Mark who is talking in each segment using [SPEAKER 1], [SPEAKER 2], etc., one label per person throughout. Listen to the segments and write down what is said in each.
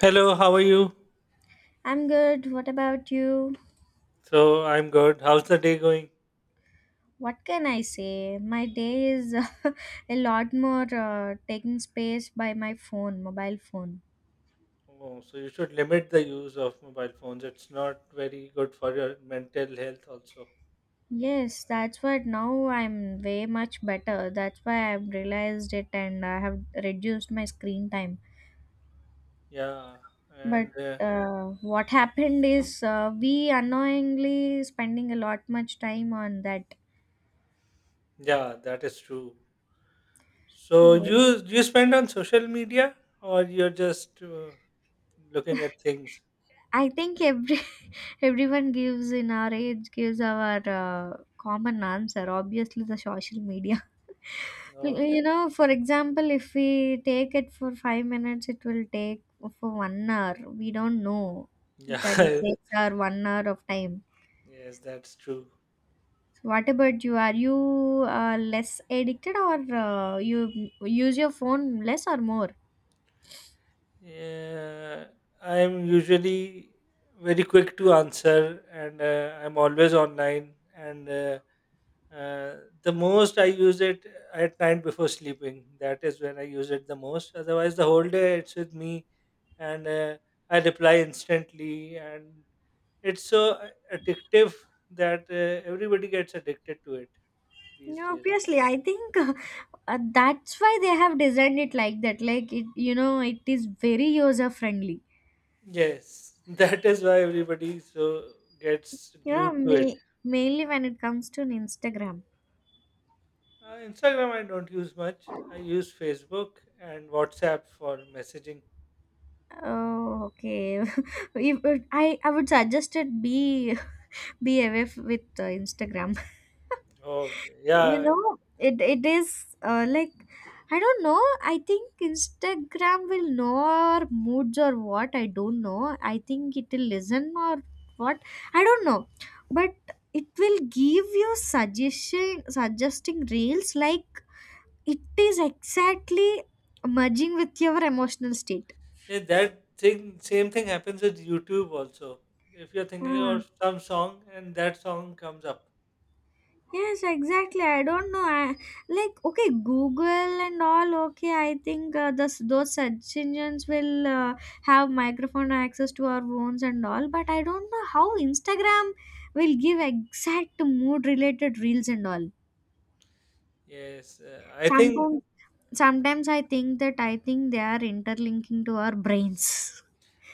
[SPEAKER 1] Hello, how are you?
[SPEAKER 2] I'm good. What about you?
[SPEAKER 1] So I'm good. How's the day going?
[SPEAKER 2] What can I say? My day is a lot more taking space by my phone, mobile phone.
[SPEAKER 1] Oh, so you should limit the use of mobile phones. It's not very good for your mental health, also.
[SPEAKER 2] Yes, that's what now I'm way much better. That's why I've realized it and I have reduced my screen time.
[SPEAKER 1] Yeah,
[SPEAKER 2] But
[SPEAKER 1] and
[SPEAKER 2] what happened is we unknowingly spending a lot much time on that.
[SPEAKER 1] yeah, that is true. So
[SPEAKER 2] Good.
[SPEAKER 1] you spend on social media, or you're just looking at things?
[SPEAKER 2] I think every everyone gives in our age gives our common answer. Obviously, the social media.
[SPEAKER 1] Okay.
[SPEAKER 2] For example, if we take it for 5 minutes, it will take for 1 hour. We don't know that it
[SPEAKER 1] Yeah.
[SPEAKER 2] takes our 1 hour of time.
[SPEAKER 1] Yes, that's true.
[SPEAKER 2] So, what about you? Are you less addicted, or you use your phone less or more?
[SPEAKER 1] Yeah, I'm usually very quick to answer, and I'm always online, and. Uh, the most I use it at night before sleeping. That is when I use it the most. Otherwise, the whole day it's with me, and I reply instantly. And it's so addictive that everybody gets addicted to it these
[SPEAKER 2] No,
[SPEAKER 1] days.
[SPEAKER 2] obviously, I think that's why they have designed it like that. Like it it is very user friendly.
[SPEAKER 1] Yes, that is why everybody so gets
[SPEAKER 2] You know,
[SPEAKER 1] glued to it.
[SPEAKER 2] ma- Mainly when it comes to Instagram.
[SPEAKER 1] Instagram I don't use much. I use Facebook and WhatsApp for messaging.
[SPEAKER 2] Oh, okay. I would suggest it be be away with Instagram.
[SPEAKER 1] Okay,
[SPEAKER 2] you
[SPEAKER 1] yeah.
[SPEAKER 2] know it it is like, I don't know. I think Instagram will know our moods or what. I don't know. I think it will listen or what. I don't know. But it will give you suggestion, suggesting reels, like it is exactly merging with your emotional state.
[SPEAKER 1] Yeah, that thing, same thing happens with YouTube also. If you're thinking of some song and that song comes up.
[SPEAKER 2] Yes, exactly. I don't know. Like, okay, Google and all. Okay, I think those search engines will have microphone access to our phones and all, but I don't know how Instagram will give exact mood related reels and all.
[SPEAKER 1] Yes, I think
[SPEAKER 2] Sometimes, sometimes I think that I think they are interlinking to our brains.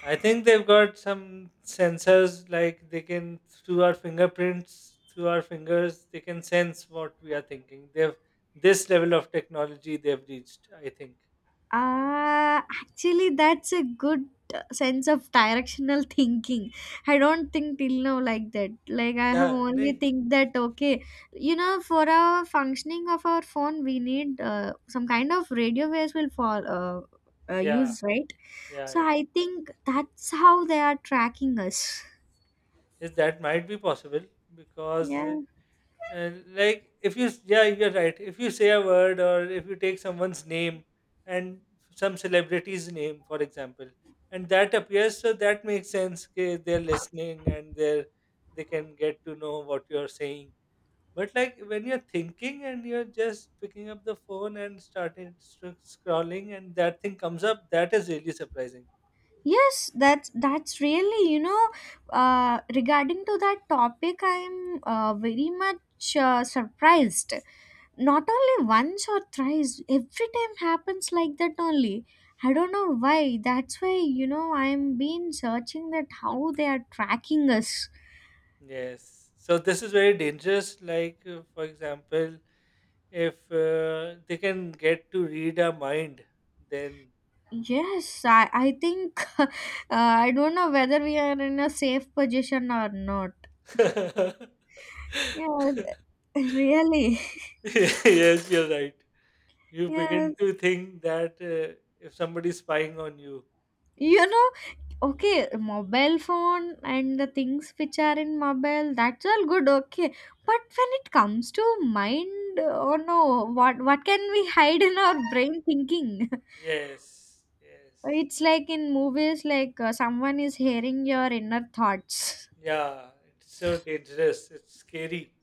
[SPEAKER 1] I think they've got some sensors, like they can through our fingerprints, through our fingers, they can sense what we are thinking. They've this level of technology they've reached, I think.
[SPEAKER 2] Actually, that's a good sense of directional thinking. I don't think till now like that. Like, I have
[SPEAKER 1] Yeah,
[SPEAKER 2] only
[SPEAKER 1] nahi.
[SPEAKER 2] think that, okay, you know, for our functioning of our phone, we need some kind of radio waves will fall,
[SPEAKER 1] Yeah,
[SPEAKER 2] use, right?
[SPEAKER 1] yeah,
[SPEAKER 2] So
[SPEAKER 1] yeah.
[SPEAKER 2] I think that's how they are tracking us.
[SPEAKER 1] Yes, that might be possible, because
[SPEAKER 2] Yeah.
[SPEAKER 1] Like, if you s- yeah, you're right, if you say a word or if you take someone's name and some celebrity's name, for example, and that appears, so that makes sense. Okay, they're listening and they can get to know what you're saying. But like when you're thinking and you're just picking up the phone and starting scrolling and that thing comes up, that is really surprising.
[SPEAKER 2] Yes, that's really, you know, regarding to that topic, I'm very much surprised. Not only once or thrice, every time happens like that only. I don't know why. That's why, you know, I'm been searching that how they are tracking us.
[SPEAKER 1] Yes, so this is very dangerous, like, for example, if they can get to read our mind, then
[SPEAKER 2] Yes, I think I don't know whether we are in a safe position or not.
[SPEAKER 1] yes,
[SPEAKER 2] Yeah, really.
[SPEAKER 1] you're right. You begin
[SPEAKER 2] Yes.
[SPEAKER 1] to think that if somebody's spying on you,
[SPEAKER 2] You know, okay, mobile phone and the things which are in mobile, that's all good, okay. But when it comes to mind, oh no, what can we hide in our brain thinking?
[SPEAKER 1] yes, yes,
[SPEAKER 2] It's like in movies, like someone is hearing your inner thoughts.
[SPEAKER 1] yeah, it's so dangerous. It's scary.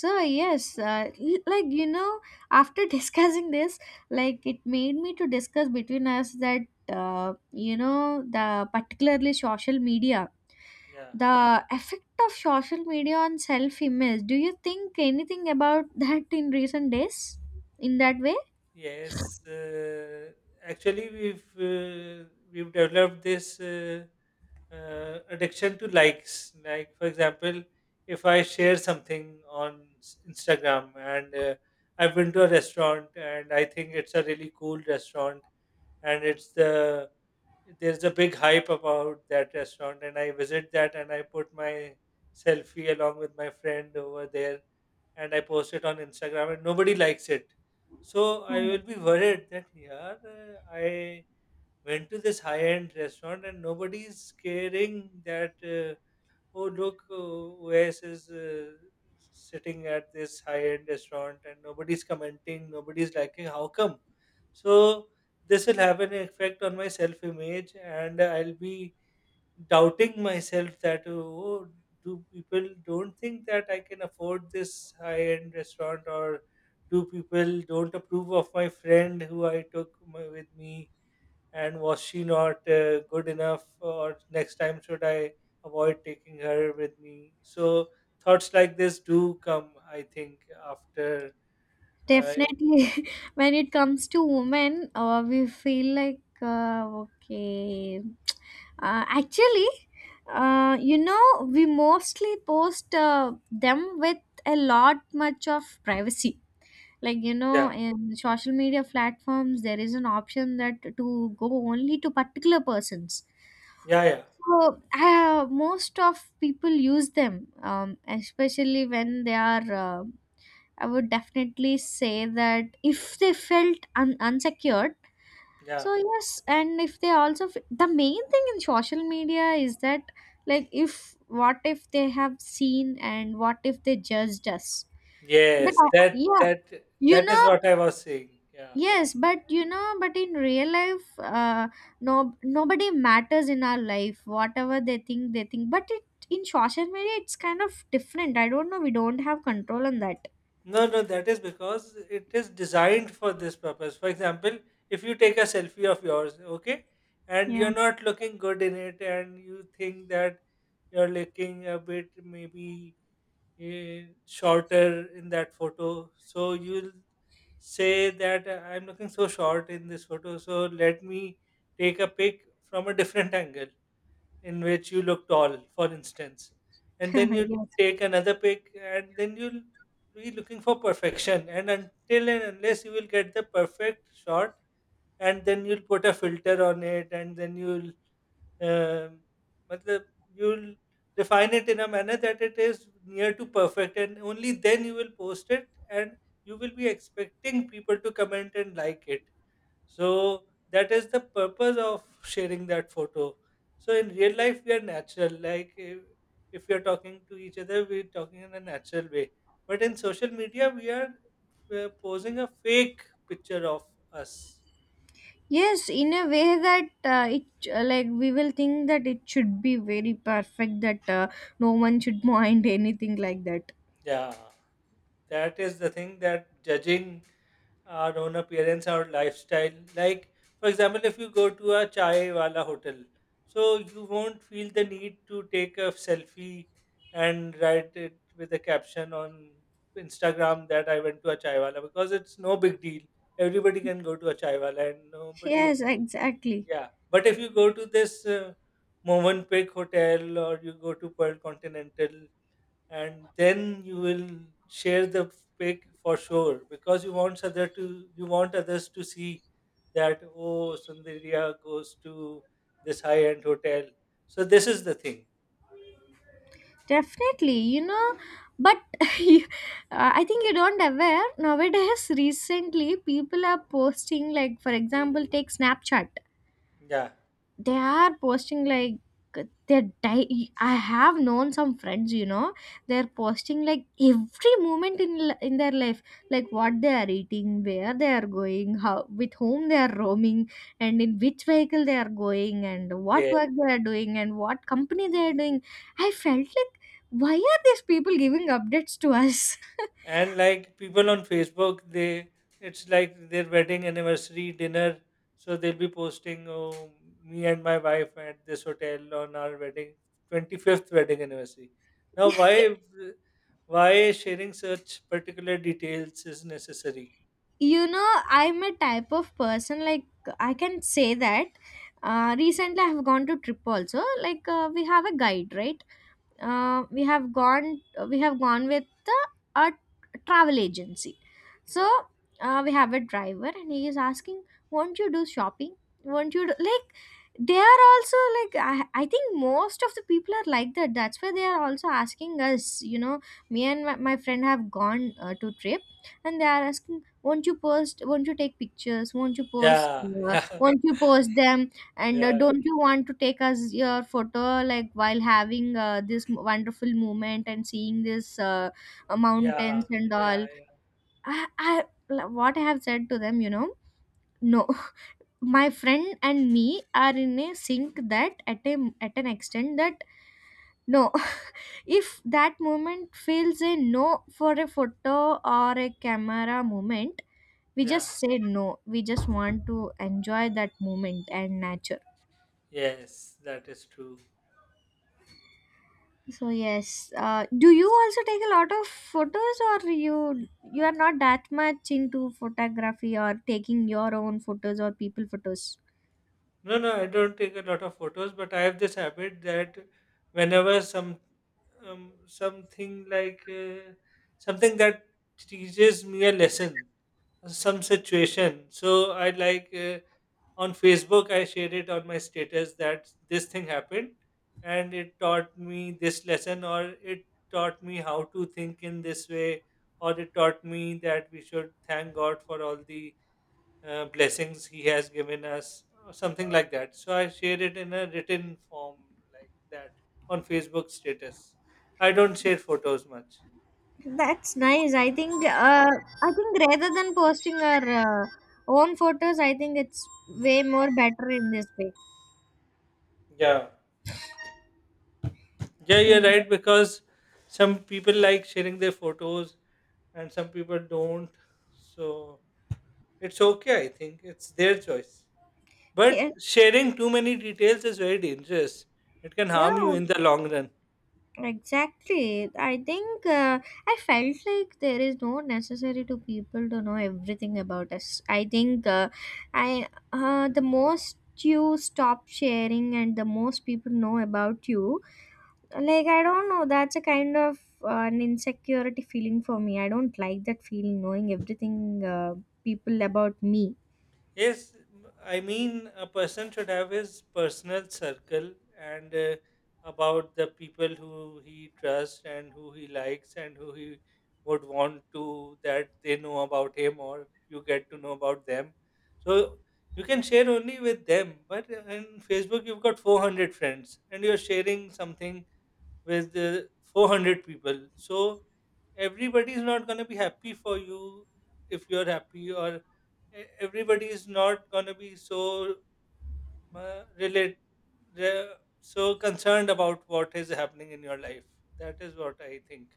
[SPEAKER 2] So yes, like, you know, after discussing this, like it made me to discuss between us that, you know, the particularly social media,
[SPEAKER 1] Yeah.
[SPEAKER 2] the effect of social media on self image. Do you think anything about that in recent days, in that way?
[SPEAKER 1] Yes, actually, we've developed this addiction to likes. Like, for example, if I share something on Instagram, and I've been to a restaurant and I think it's a really cool restaurant, and it's the there's a big hype about that restaurant, and I visit that and I put my selfie along with my friend over there, and I post it on Instagram, and nobody likes it. So I will be worried that, yeah, I went to this high end restaurant and nobody is caring that, oh look, Wes is sitting at this high end restaurant and nobody's commenting, nobody's liking. How come? So this will have an effect on my self image, and I'll be doubting myself that, oh, do people don't think that I can afford this high end restaurant, or do people don't approve of my friend who I took with me, and was she not good enough, or next time should I avoid taking her with me? So thoughts like this do come, I think, after, uh,
[SPEAKER 2] Definitely, when it comes to women, we feel like okay. Actually, you know, we mostly post them with a lot much of privacy. Like, you know,
[SPEAKER 1] yeah,
[SPEAKER 2] in social media platforms, there is an option that to go only to particular persons.
[SPEAKER 1] yeah, yeah,
[SPEAKER 2] So most of people use them, especially when they are I would definitely say that if they felt unsecured,
[SPEAKER 1] yeah.
[SPEAKER 2] so yes, and if they also the main thing in social media is that, like, if what if they have seen and what if they judged us?
[SPEAKER 1] Yes, that
[SPEAKER 2] Yeah,
[SPEAKER 1] that
[SPEAKER 2] you
[SPEAKER 1] that is
[SPEAKER 2] know,
[SPEAKER 1] what I was saying. Yeah.
[SPEAKER 2] yes, but you know, but in real life, no, nobody matters in our life. Whatever they think, they think. But it, in social media, it's kind of different. I don't know. We don't have control on that.
[SPEAKER 1] No, no, that is because it is designed for this purpose. For example, if you take a selfie of yours, okay, and
[SPEAKER 2] Yeah.
[SPEAKER 1] you're not looking good in it, and you think that you're looking a bit, maybe, shorter in that photo, so you'll say that, I'm looking so short in this photo, so let me take a pic from a different angle in which you look tall, for instance, and then you
[SPEAKER 2] Yeah.
[SPEAKER 1] take another pic, and then you'll be looking for perfection. And until and unless you will get the perfect shot, and then you'll put a filter on it, and then you'll, um matlab, you'll refine it in a manner that it is near to perfect, and only then you will post it, and you will be expecting people to comment and like it. So that is the purpose of sharing that photo. So in real life, we are natural. Like, if we are talking to each other, we're talking in a natural way. But in social media, we are posing a fake picture of us.
[SPEAKER 2] Yes, in a way that it like, we will think that it should be very perfect, that no one should mind anything like that.
[SPEAKER 1] Yeah, that is the thing, that judging our own appearance, our lifestyle. Like, for example, if you go to a chai wala hotel, so you won't feel the need to take a selfie and write it with a caption on Instagram that I went to a chai wala, because it's no big deal. Everybody can go to a chai wala and nobody,
[SPEAKER 2] Yes, exactly.
[SPEAKER 1] yeah. But if you go to this Movenpick hotel, or you go to Pearl Continental, and then you will share the pic for sure, because you want others to see that, oh, Sundaria goes to this high end hotel. So this is the thing.
[SPEAKER 2] Definitely, you know, but you- I think you don't aware nowadays. Recently people are posting, like, for example, take Snapchat.
[SPEAKER 1] Yeah.
[SPEAKER 2] They are posting like, I have known some friends, you know, they're posting like every moment in their life, like what they are eating, where they are going, how, with whom they are roaming, and in which vehicle they are going, and what
[SPEAKER 1] Yeah.
[SPEAKER 2] work they are doing, and what company they are doing. I felt like, why are these people giving updates to us?
[SPEAKER 1] And like people on Facebook, they it's like their wedding anniversary dinner, so they'll be posting, oh, me and my wife at this hotel on our wedding 25th wedding anniversary, now, why sharing such particular details is necessary?
[SPEAKER 2] You know, I'm a type of person, like, I can say that, recently I have gone to trip also. Like, we have a guide, right? uh, we have gone we have gone with a travel agency. So
[SPEAKER 1] Yeah,
[SPEAKER 2] we have a driver and he is asking, won't you do shopping, won't you do, like, they are also like. I think most of the people are like that, that's why they are also asking us. You know, me and my friend have gone to trip, and they are asking, won't you post, won't you take pictures,
[SPEAKER 1] yeah,
[SPEAKER 2] won't you post them, and
[SPEAKER 1] yeah, yeah,
[SPEAKER 2] don't you want to take us your photo, like, while having this wonderful moment and seeing this
[SPEAKER 1] yeah,
[SPEAKER 2] mountains and
[SPEAKER 1] yeah,
[SPEAKER 2] all?
[SPEAKER 1] yeah,
[SPEAKER 2] I what I have said to them, you know, no, my friend and me are in a sync that at an extent that no, if that moment feels a no for a photo or a camera moment, we just
[SPEAKER 1] yeah,
[SPEAKER 2] say no. We just want to enjoy that moment and nature.
[SPEAKER 1] yes, that is true.
[SPEAKER 2] So yes, do you also take a lot of photos, or you are not that much into photography or taking your own photos or people photos?
[SPEAKER 1] No, no, I don't take a lot of photos, but I have this habit that whenever something, like, something that teaches me a lesson, some situation. So I, like, on Facebook, I share it on my status, that this thing happened and it taught me this lesson, or it taught me how to think in this way, or it taught me that we should thank God for all the blessings he has given us, or something like that. So I share it in a written form like that, on Facebook status. I don't share photos much.
[SPEAKER 2] That's nice. I think rather than posting our own photos, I think it's way more better in this way.
[SPEAKER 1] Yeah. Yeah,
[SPEAKER 2] So
[SPEAKER 1] you're
[SPEAKER 2] yeah,
[SPEAKER 1] right, because some people like sharing their photos and some people don't. So it's okay, I think. It's their choice. But
[SPEAKER 2] yes,
[SPEAKER 1] sharing too many details is very dangerous. It can
[SPEAKER 2] yeah.
[SPEAKER 1] harm you in the long run.
[SPEAKER 2] Exactly. I think I felt like there is no necessary to people to know everything about us. I think I the most you stop sharing and the most people know about you, like, I don't know, that's a kind of an insecurity feeling for me. I don't like that feeling knowing everything people about me.
[SPEAKER 1] Yes, I mean, a person should have his personal circle, and about the people who he trusts and who he likes and who he would want to that they know about him, or you get to know about them. So you can share only with them, but in Facebook, you've got 400 friends and you're sharing something with 400 people. So everybody is not going to be happy for you if you're happy, or everybody is not going to be so uh, relate re- so concerned about what is happening in your life. That is what I think.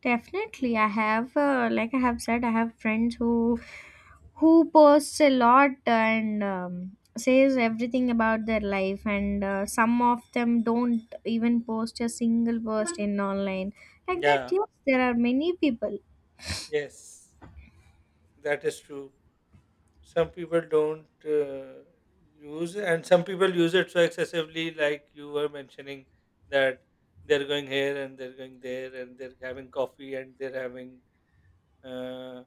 [SPEAKER 2] Definitely, I have, like I have said, I have friends who posts a lot, and says everything about their life, and some of them don't even post a single post in online. Like that,
[SPEAKER 1] Yeah.
[SPEAKER 2] yes, there are many people.
[SPEAKER 1] Yes, that is true. Some people don't use, and some people use it so excessively, like you were mentioning, that they're going here and they're going there and they're having coffee and uh,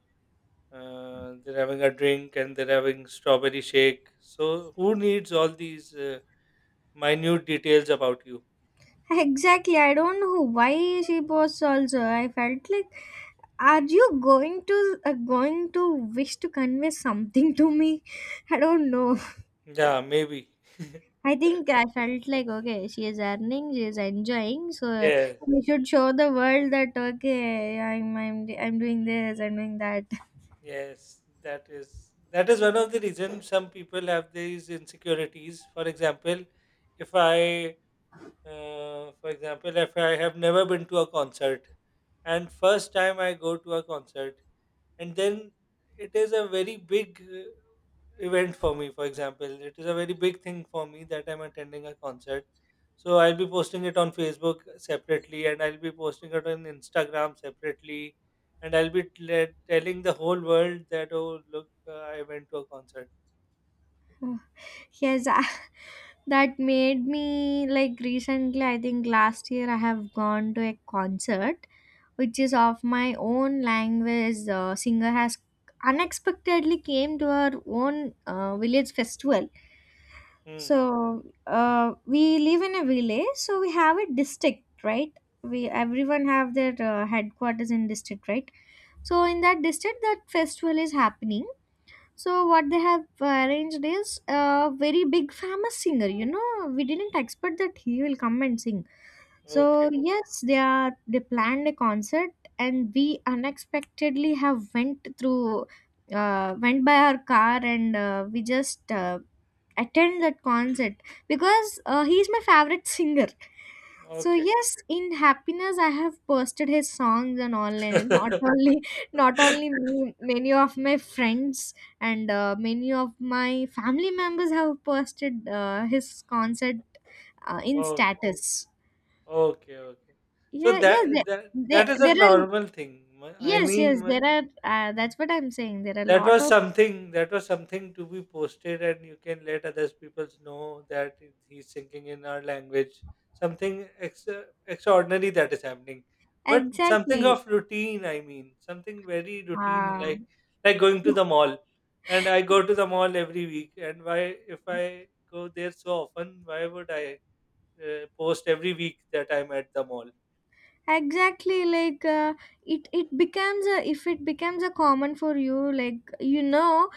[SPEAKER 1] they're having a drink and they're having strawberry shake. So who needs all these minute details about you?
[SPEAKER 2] Exactly, I don't know why she posts. Also, I felt like, are you going to uh, going to wish to convey something to me? I don't know.
[SPEAKER 1] Yeah, maybe.
[SPEAKER 2] I think I felt like, okay, she is earning, she is enjoying, so
[SPEAKER 1] Yeah,
[SPEAKER 2] we should show the world that, okay, I'm doing this, I'm doing that.
[SPEAKER 1] yes, that is, that is one of the reasons some people have these insecurities. For example if i Uh, for example, if I have never been to a concert, and first time I go to a concert, and then it is a very big event for me. For example, it is a very big thing for me that I'm attending a concert, so I'll be posting it on Facebook separately, and I'll be posting it on Instagram separately, and I'll be telling the whole world that, oh look, I went to a concert.
[SPEAKER 2] Yes, that made me like recently. I think last year I have gone to a concert, which is of my own language. The singer has unexpectedly came to her own village festival.
[SPEAKER 1] Hmm.
[SPEAKER 2] So we live in a village, so we have a district, right? We everyone have their headquarters in district, right? So in that district, that festival is happening. So what they have arranged is a very big famous singer. You know, we didn't expect that he will come and sing, so
[SPEAKER 1] Okay.
[SPEAKER 2] yes, they planned a concert, and we unexpectedly have went through, went by our car, and we just attend that concert because he's my favorite singer. So
[SPEAKER 1] Okay.
[SPEAKER 2] yes, in happiness I have posted his songs on online, and not only not only me, many of my friends and many of my family members have posted his concert in
[SPEAKER 1] Okay.
[SPEAKER 2] status.
[SPEAKER 1] Okay, okay. So
[SPEAKER 2] Yeah, yes,
[SPEAKER 1] that that
[SPEAKER 2] there,
[SPEAKER 1] that is a
[SPEAKER 2] there are,
[SPEAKER 1] normal thing.
[SPEAKER 2] yes, there are, that's what I'm saying. There are a
[SPEAKER 1] That
[SPEAKER 2] lot
[SPEAKER 1] was
[SPEAKER 2] of,
[SPEAKER 1] something that was something to be posted, and you can let others people know that he's thinking in our language. Something extra, extraordinary that is happening, but something
[SPEAKER 2] exactly.
[SPEAKER 1] of routine. I mean, something very routine,
[SPEAKER 2] Uh,
[SPEAKER 1] like going to the mall. And I go to the mall every week. And why, if I go there so often, why would I post every week that I'm at the mall?
[SPEAKER 2] exactly like, it becomes a, if it becomes a common for you, like, you know,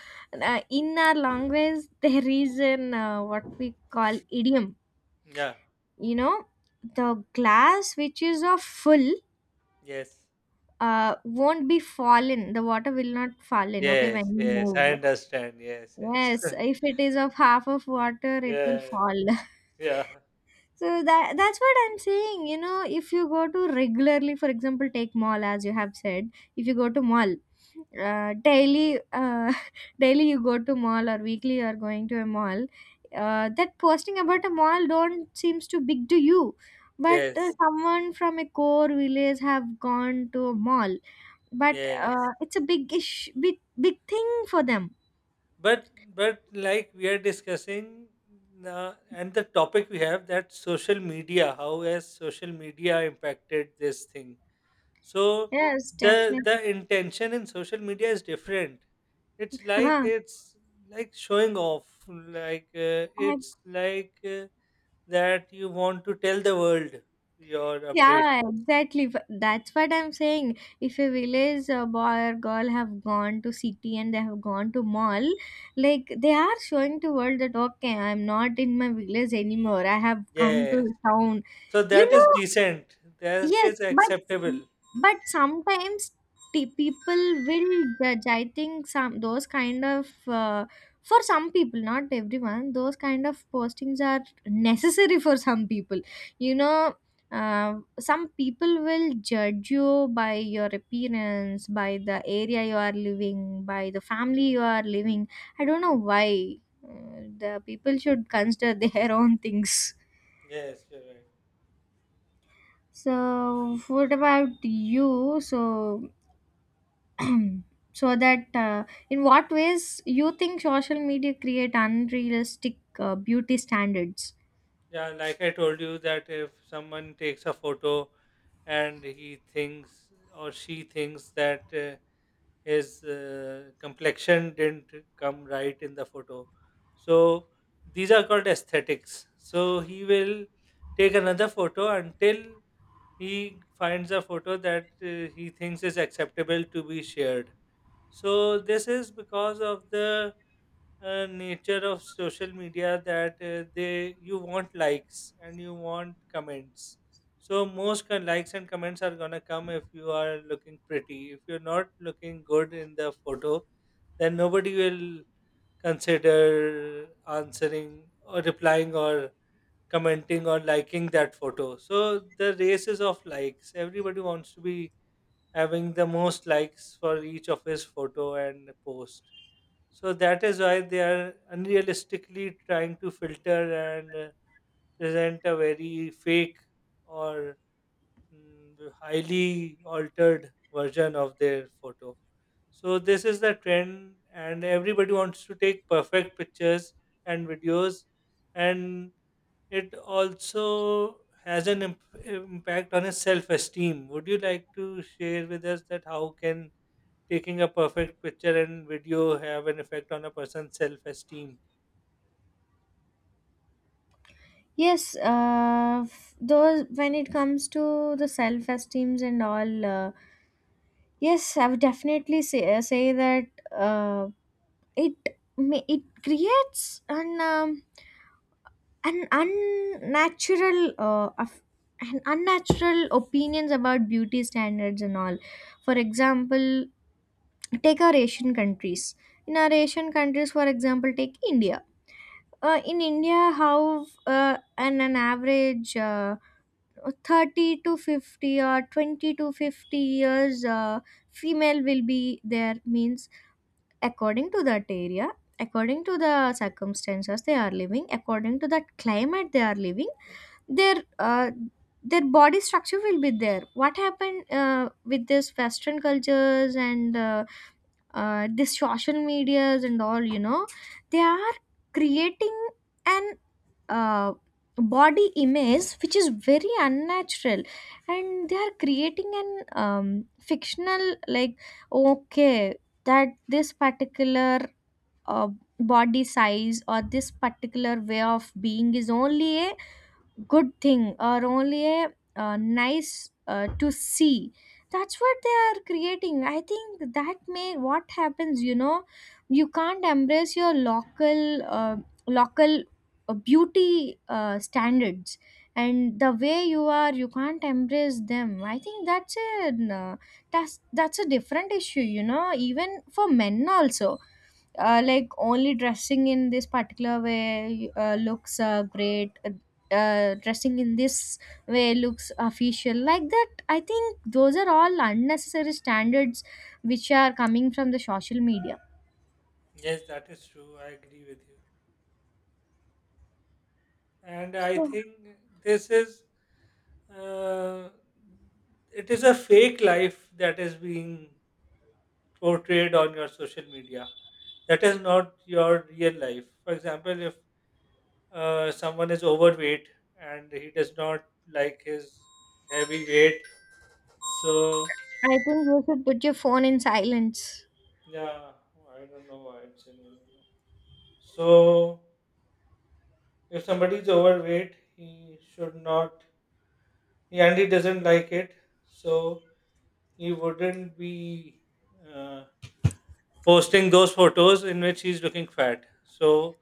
[SPEAKER 2] in our language there is an what we call idiom,
[SPEAKER 1] Yeah.
[SPEAKER 2] you know, the glass which is of full
[SPEAKER 1] Yes,
[SPEAKER 2] won't be fallen, the water will not fall in, okay, when
[SPEAKER 1] yes,
[SPEAKER 2] you
[SPEAKER 1] yes. I
[SPEAKER 2] move.
[SPEAKER 1] understand. Yes, yes.
[SPEAKER 2] Yes, if it is of half of water, it will
[SPEAKER 1] Yeah,
[SPEAKER 2] fall.
[SPEAKER 1] yeah.
[SPEAKER 2] So that that's what I'm saying. You know, if you go to regularly, for example, take mall as you have said. If you go to mall, daily, daily you go to mall or weekly you are going to a mall. That posting about a mall don't seems too big to you, but
[SPEAKER 1] Yes,
[SPEAKER 2] someone from a core village have gone to a mall. But
[SPEAKER 1] yes.
[SPEAKER 2] it's a big ish, big thing for them.
[SPEAKER 1] But like we are discussing, and the topic we have, that social media, how has social media impacted this thing? So
[SPEAKER 2] Yes,
[SPEAKER 1] the
[SPEAKER 2] definitely.
[SPEAKER 1] the intention in social media is different. It's like it's like showing off. Like, it's
[SPEAKER 2] Ex-
[SPEAKER 1] like, that you want to tell the world your update.
[SPEAKER 2] Yeah, exactly. That's what I'm saying. If a village boy or girl have gone to city and they have gone to mall, like they are showing to world that okay, I'm not in my village anymore. I have come to
[SPEAKER 1] Yes.
[SPEAKER 2] town.
[SPEAKER 1] So
[SPEAKER 2] You
[SPEAKER 1] that is
[SPEAKER 2] know,
[SPEAKER 1] decent. That
[SPEAKER 2] Yes,
[SPEAKER 1] is
[SPEAKER 2] but
[SPEAKER 1] acceptable.
[SPEAKER 2] but sometimes the people will judge. I think some those kind of for some people, not everyone, those kind of postings are necessary for some people. You know, some people will judge you by your appearance, by the area you are living, by the family you are living. I don't know why. The people should consider their own things.
[SPEAKER 1] Yes, you're right.
[SPEAKER 2] So, what about you? So that In what ways you think social media create unrealistic beauty standards?
[SPEAKER 1] Yeah, like I told you, that if someone takes a photo and he thinks, or she thinks, that his complexion didn't come right in the photo, so these are called aesthetics. So he will take another photo until he finds a photo that he thinks is acceptable to be shared. So this is because of the nature of social media, that they you want likes and you want comments. So most likes and comments are gonna come if you are looking pretty. If you're not looking good in the photo, then nobody will consider answering or replying or commenting or liking that photo. So the races of likes. Everybody wants to be having the most likes for each of his photo and post. So that is why they are unrealistically trying to filter and, present a very fake, or, highly altered version of their photo. So this is the trend, and everybody wants to take perfect pictures and videos, and it also has an impact on his self-esteem. Would you like to share with us that how can taking a perfect picture and video have an effect on a person's self-esteem?
[SPEAKER 2] Yes, those when it comes to the self esteems and all, yes, I would definitely say that uh, it it creates an an unnatural an unnatural opinions about beauty standards and all. For example, take our Asian countries. In our Asian countries, for example, take India. In India, how an average 30 to 50 or 20 to 50 years female will be there means, according to that area, according to the circumstances they are living, according to that climate they are living, their uh, their body structure will be there. What happened with this western cultures and this social medias and all, they are creating an uh, body image which is very unnatural. And they are creating an fictional, like okay, that this particular uh, body size or this particular way of being is only a good thing or only a nice to see. That's what they are creating, I think. That may what happens. You can't embrace your local local beauty standards, and the way you are, you can't embrace them. I think that's a uh, that's a different issue. Even for men also, like only dressing in this particular way looks great. Dressing in this way looks official, like that. I think those are all unnecessary standards which are coming from the social media.
[SPEAKER 1] Yes, that is true. I agree with you, and I
[SPEAKER 2] So
[SPEAKER 1] think this is uh, it is a fake life that is being portrayed on your social media. That is not your real life. For example, if someone is overweight and he does not like his heavy weight. So
[SPEAKER 2] I think you should put your phone in silence.
[SPEAKER 1] yeah, I don't know why it's in English. So if somebody is overweight, he should not, and he doesn't like it. So he wouldn't be uh, posting those photos in which he's looking fat. So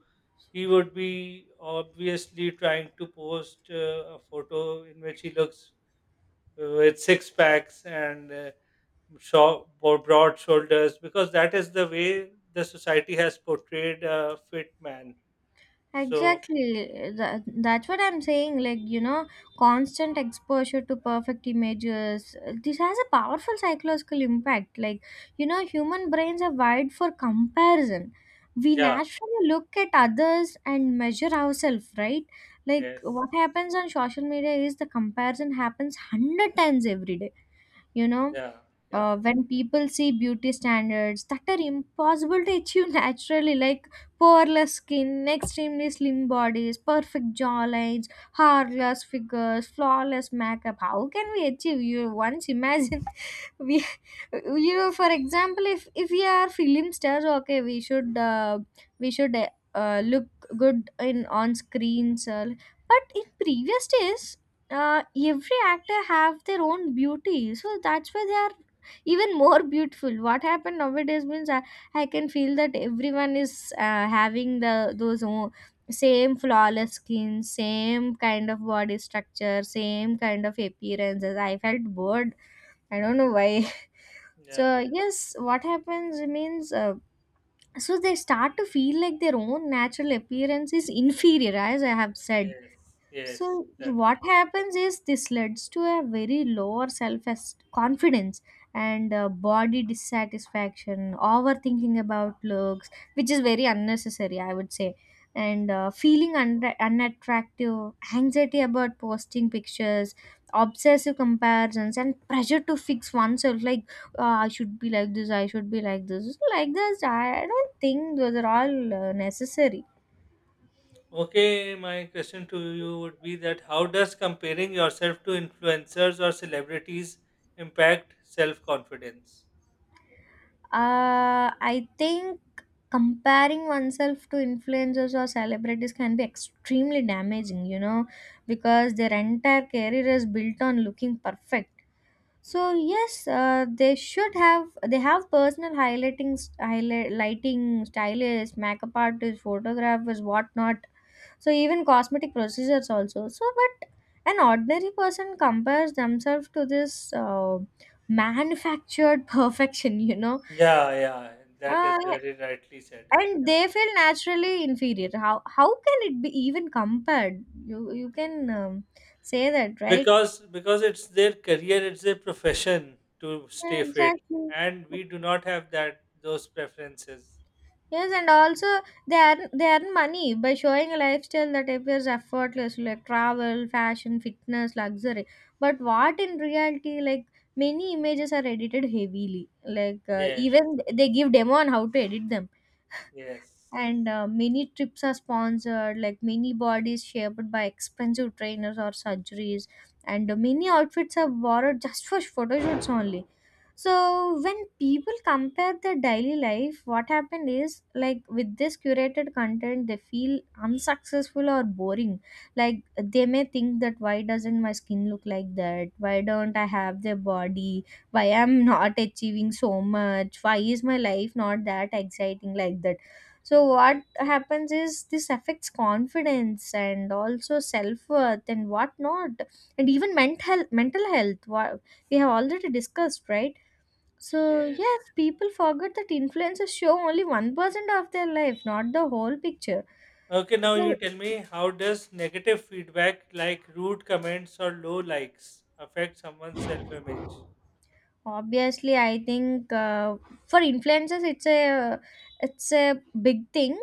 [SPEAKER 1] he would be obviously trying to post a photo in which he looks with six packs and broad shoulders, because that is the way the society has portrayed a fit man. So,
[SPEAKER 2] Exactly. That's what I'm saying. Like, constant exposure to perfect images. This has a powerful psychological impact. Like, human brains are wired for comparison. We
[SPEAKER 1] yeah,
[SPEAKER 2] naturally look at others and measure ourselves, right? Like,
[SPEAKER 1] yes,
[SPEAKER 2] what happens on social media is the comparison happens 100 times every day, you know?
[SPEAKER 1] yeah, yeah,
[SPEAKER 2] When people see beauty standards that are impossible to achieve naturally, like poreless skin, extremely slim bodies, perfect jawlines, harmless figures, flawless makeup. How can we achieve? You once imagine, we, for example, if we are film stars, okay, we should look good in on screens, but in previous days. Every actor have their own beauty, so that's why they are even more beautiful. What happened nowadays means, I can feel that everyone is having the same flawless skin, same kind of body structure, same kind of appearances. I felt bored. I don't know why.
[SPEAKER 1] yeah,
[SPEAKER 2] So yes, what happens means so they start to feel like their own natural appearance is inferior, as I have said.
[SPEAKER 1] yes, yes,
[SPEAKER 2] So
[SPEAKER 1] that's
[SPEAKER 2] what
[SPEAKER 1] right.
[SPEAKER 2] happens is this leads to a very lower self confidence, and body dissatisfaction, overthinking about looks, which is very unnecessary, I would say, and feeling unattractive, anxiety about posting pictures, obsessive comparisons, and pressure to fix oneself. Like I should be like this, I should be like this, like this. I don't think those are all necessary.
[SPEAKER 1] Okay, my question to you would be that how does comparing yourself to influencers or celebrities impact self confidence?
[SPEAKER 2] I think comparing oneself to influencers or celebrities can be extremely damaging, because their entire career is built on looking perfect. So
[SPEAKER 1] Yes.
[SPEAKER 2] yes, they have personal lighting stylists, makeup artists, photographers, whatnot. So even cosmetic procedures also. So but an ordinary person compares themselves to this manufactured perfection.
[SPEAKER 1] Yeah, yeah, that is
[SPEAKER 2] uh,
[SPEAKER 1] very rightly said.
[SPEAKER 2] and
[SPEAKER 1] Yeah.
[SPEAKER 2] they feel naturally inferior. How can it be even compared? You
[SPEAKER 1] Yes.
[SPEAKER 2] can say that, right?
[SPEAKER 1] because it's their career, it's their profession to stay fit,
[SPEAKER 2] Exactly.
[SPEAKER 1] and we do not have that those preferences.
[SPEAKER 2] Yes, and also they earn money by showing a lifestyle that appears effortless, like travel, fashion, fitness, luxury. But what in reality, like many images are edited heavily. Like
[SPEAKER 1] Yes,
[SPEAKER 2] even they give demo on how to edit them.
[SPEAKER 1] yes,
[SPEAKER 2] And many trips are sponsored, like many bodies shaped by expensive trainers or surgeries, and many outfits are borrowed just for photo shoots only. So when people compare their daily life, what happened is, like with this curated content, they feel unsuccessful or boring. Like they may think that why doesn't my skin look like that, why don't I have the body, why I'm not achieving so much, why is my life not that exciting, like that. So what
[SPEAKER 1] yes,
[SPEAKER 2] happens is this affects confidence and also self worth and whatnot, and even mental health. What we have already discussed, right? So
[SPEAKER 1] yes.
[SPEAKER 2] yes, people forget that influencers show only 1% of their life, not the whole picture.
[SPEAKER 1] Okay, now you
[SPEAKER 2] So
[SPEAKER 1] tell me, how does negative feedback like rude comments or low likes affect someone's self-image?
[SPEAKER 2] obviously, I think for influencers, it's a big thing,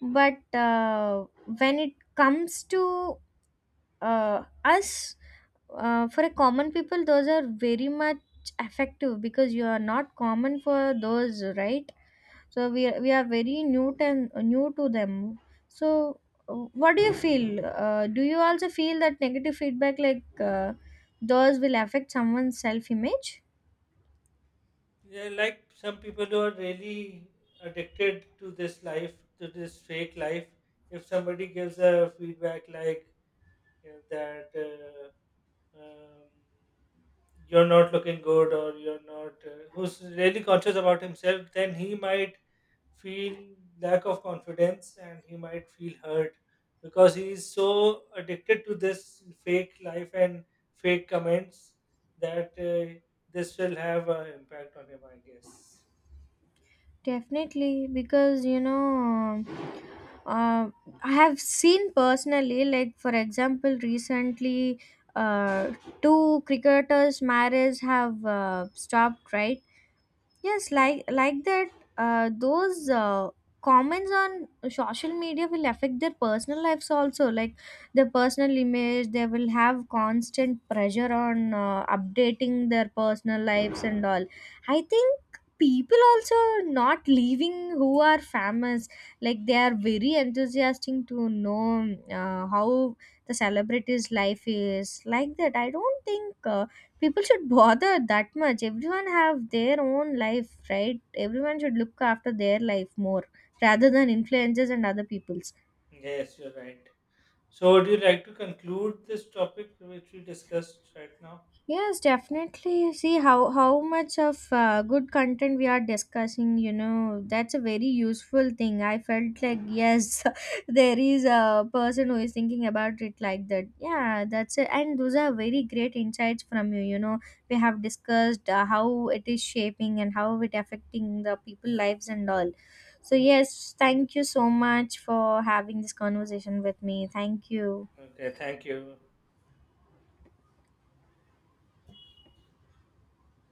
[SPEAKER 2] but when it comes to us, for a common people, those are very much effective because you are not common for those, right? So we are very new to them. So what do you feel, do you also feel that negative feedback like those will affect someone's self image?
[SPEAKER 1] Yeah, like some people who are really addicted to this fake life, if somebody gives a feedback like, that um, you're not looking good, or you're not, who's really conscious about himself, then he might feel lack of confidence, and he might feel hurt, because he is so addicted to this fake life and fake comments, that this will have an impact on him, I guess.
[SPEAKER 2] Definitely, because uh, I have seen personally, like for example, recently, uh, two cricketers' marriage have stopped, right? Yes,
[SPEAKER 1] Yeah.
[SPEAKER 2] like that. Those comments on social media will affect their personal lives also. Like their personal image, they will have constant pressure on updating their personal lives and all. I think people also not leaving who are famous. Like they are very enthusiastic to know how the celebrity's life is. Like that, I don't think. People should bother that much. Everyone have their own life, right? Everyone should look after their life more rather than influences and other people's.
[SPEAKER 1] Yes, you're right. So would you like to conclude this topic which we discussed right now?
[SPEAKER 2] Yes, definitely. See how much of good content we are discussing. That's a very useful thing. I felt like yes, there is a person who is thinking about it like that. Yeah, that's it. And those are very great insights from you. We have discussed how it is shaping and how it affecting the people lives and all. So yes, thank you so much for having this conversation with me. Thank you.
[SPEAKER 1] Okay, thank you.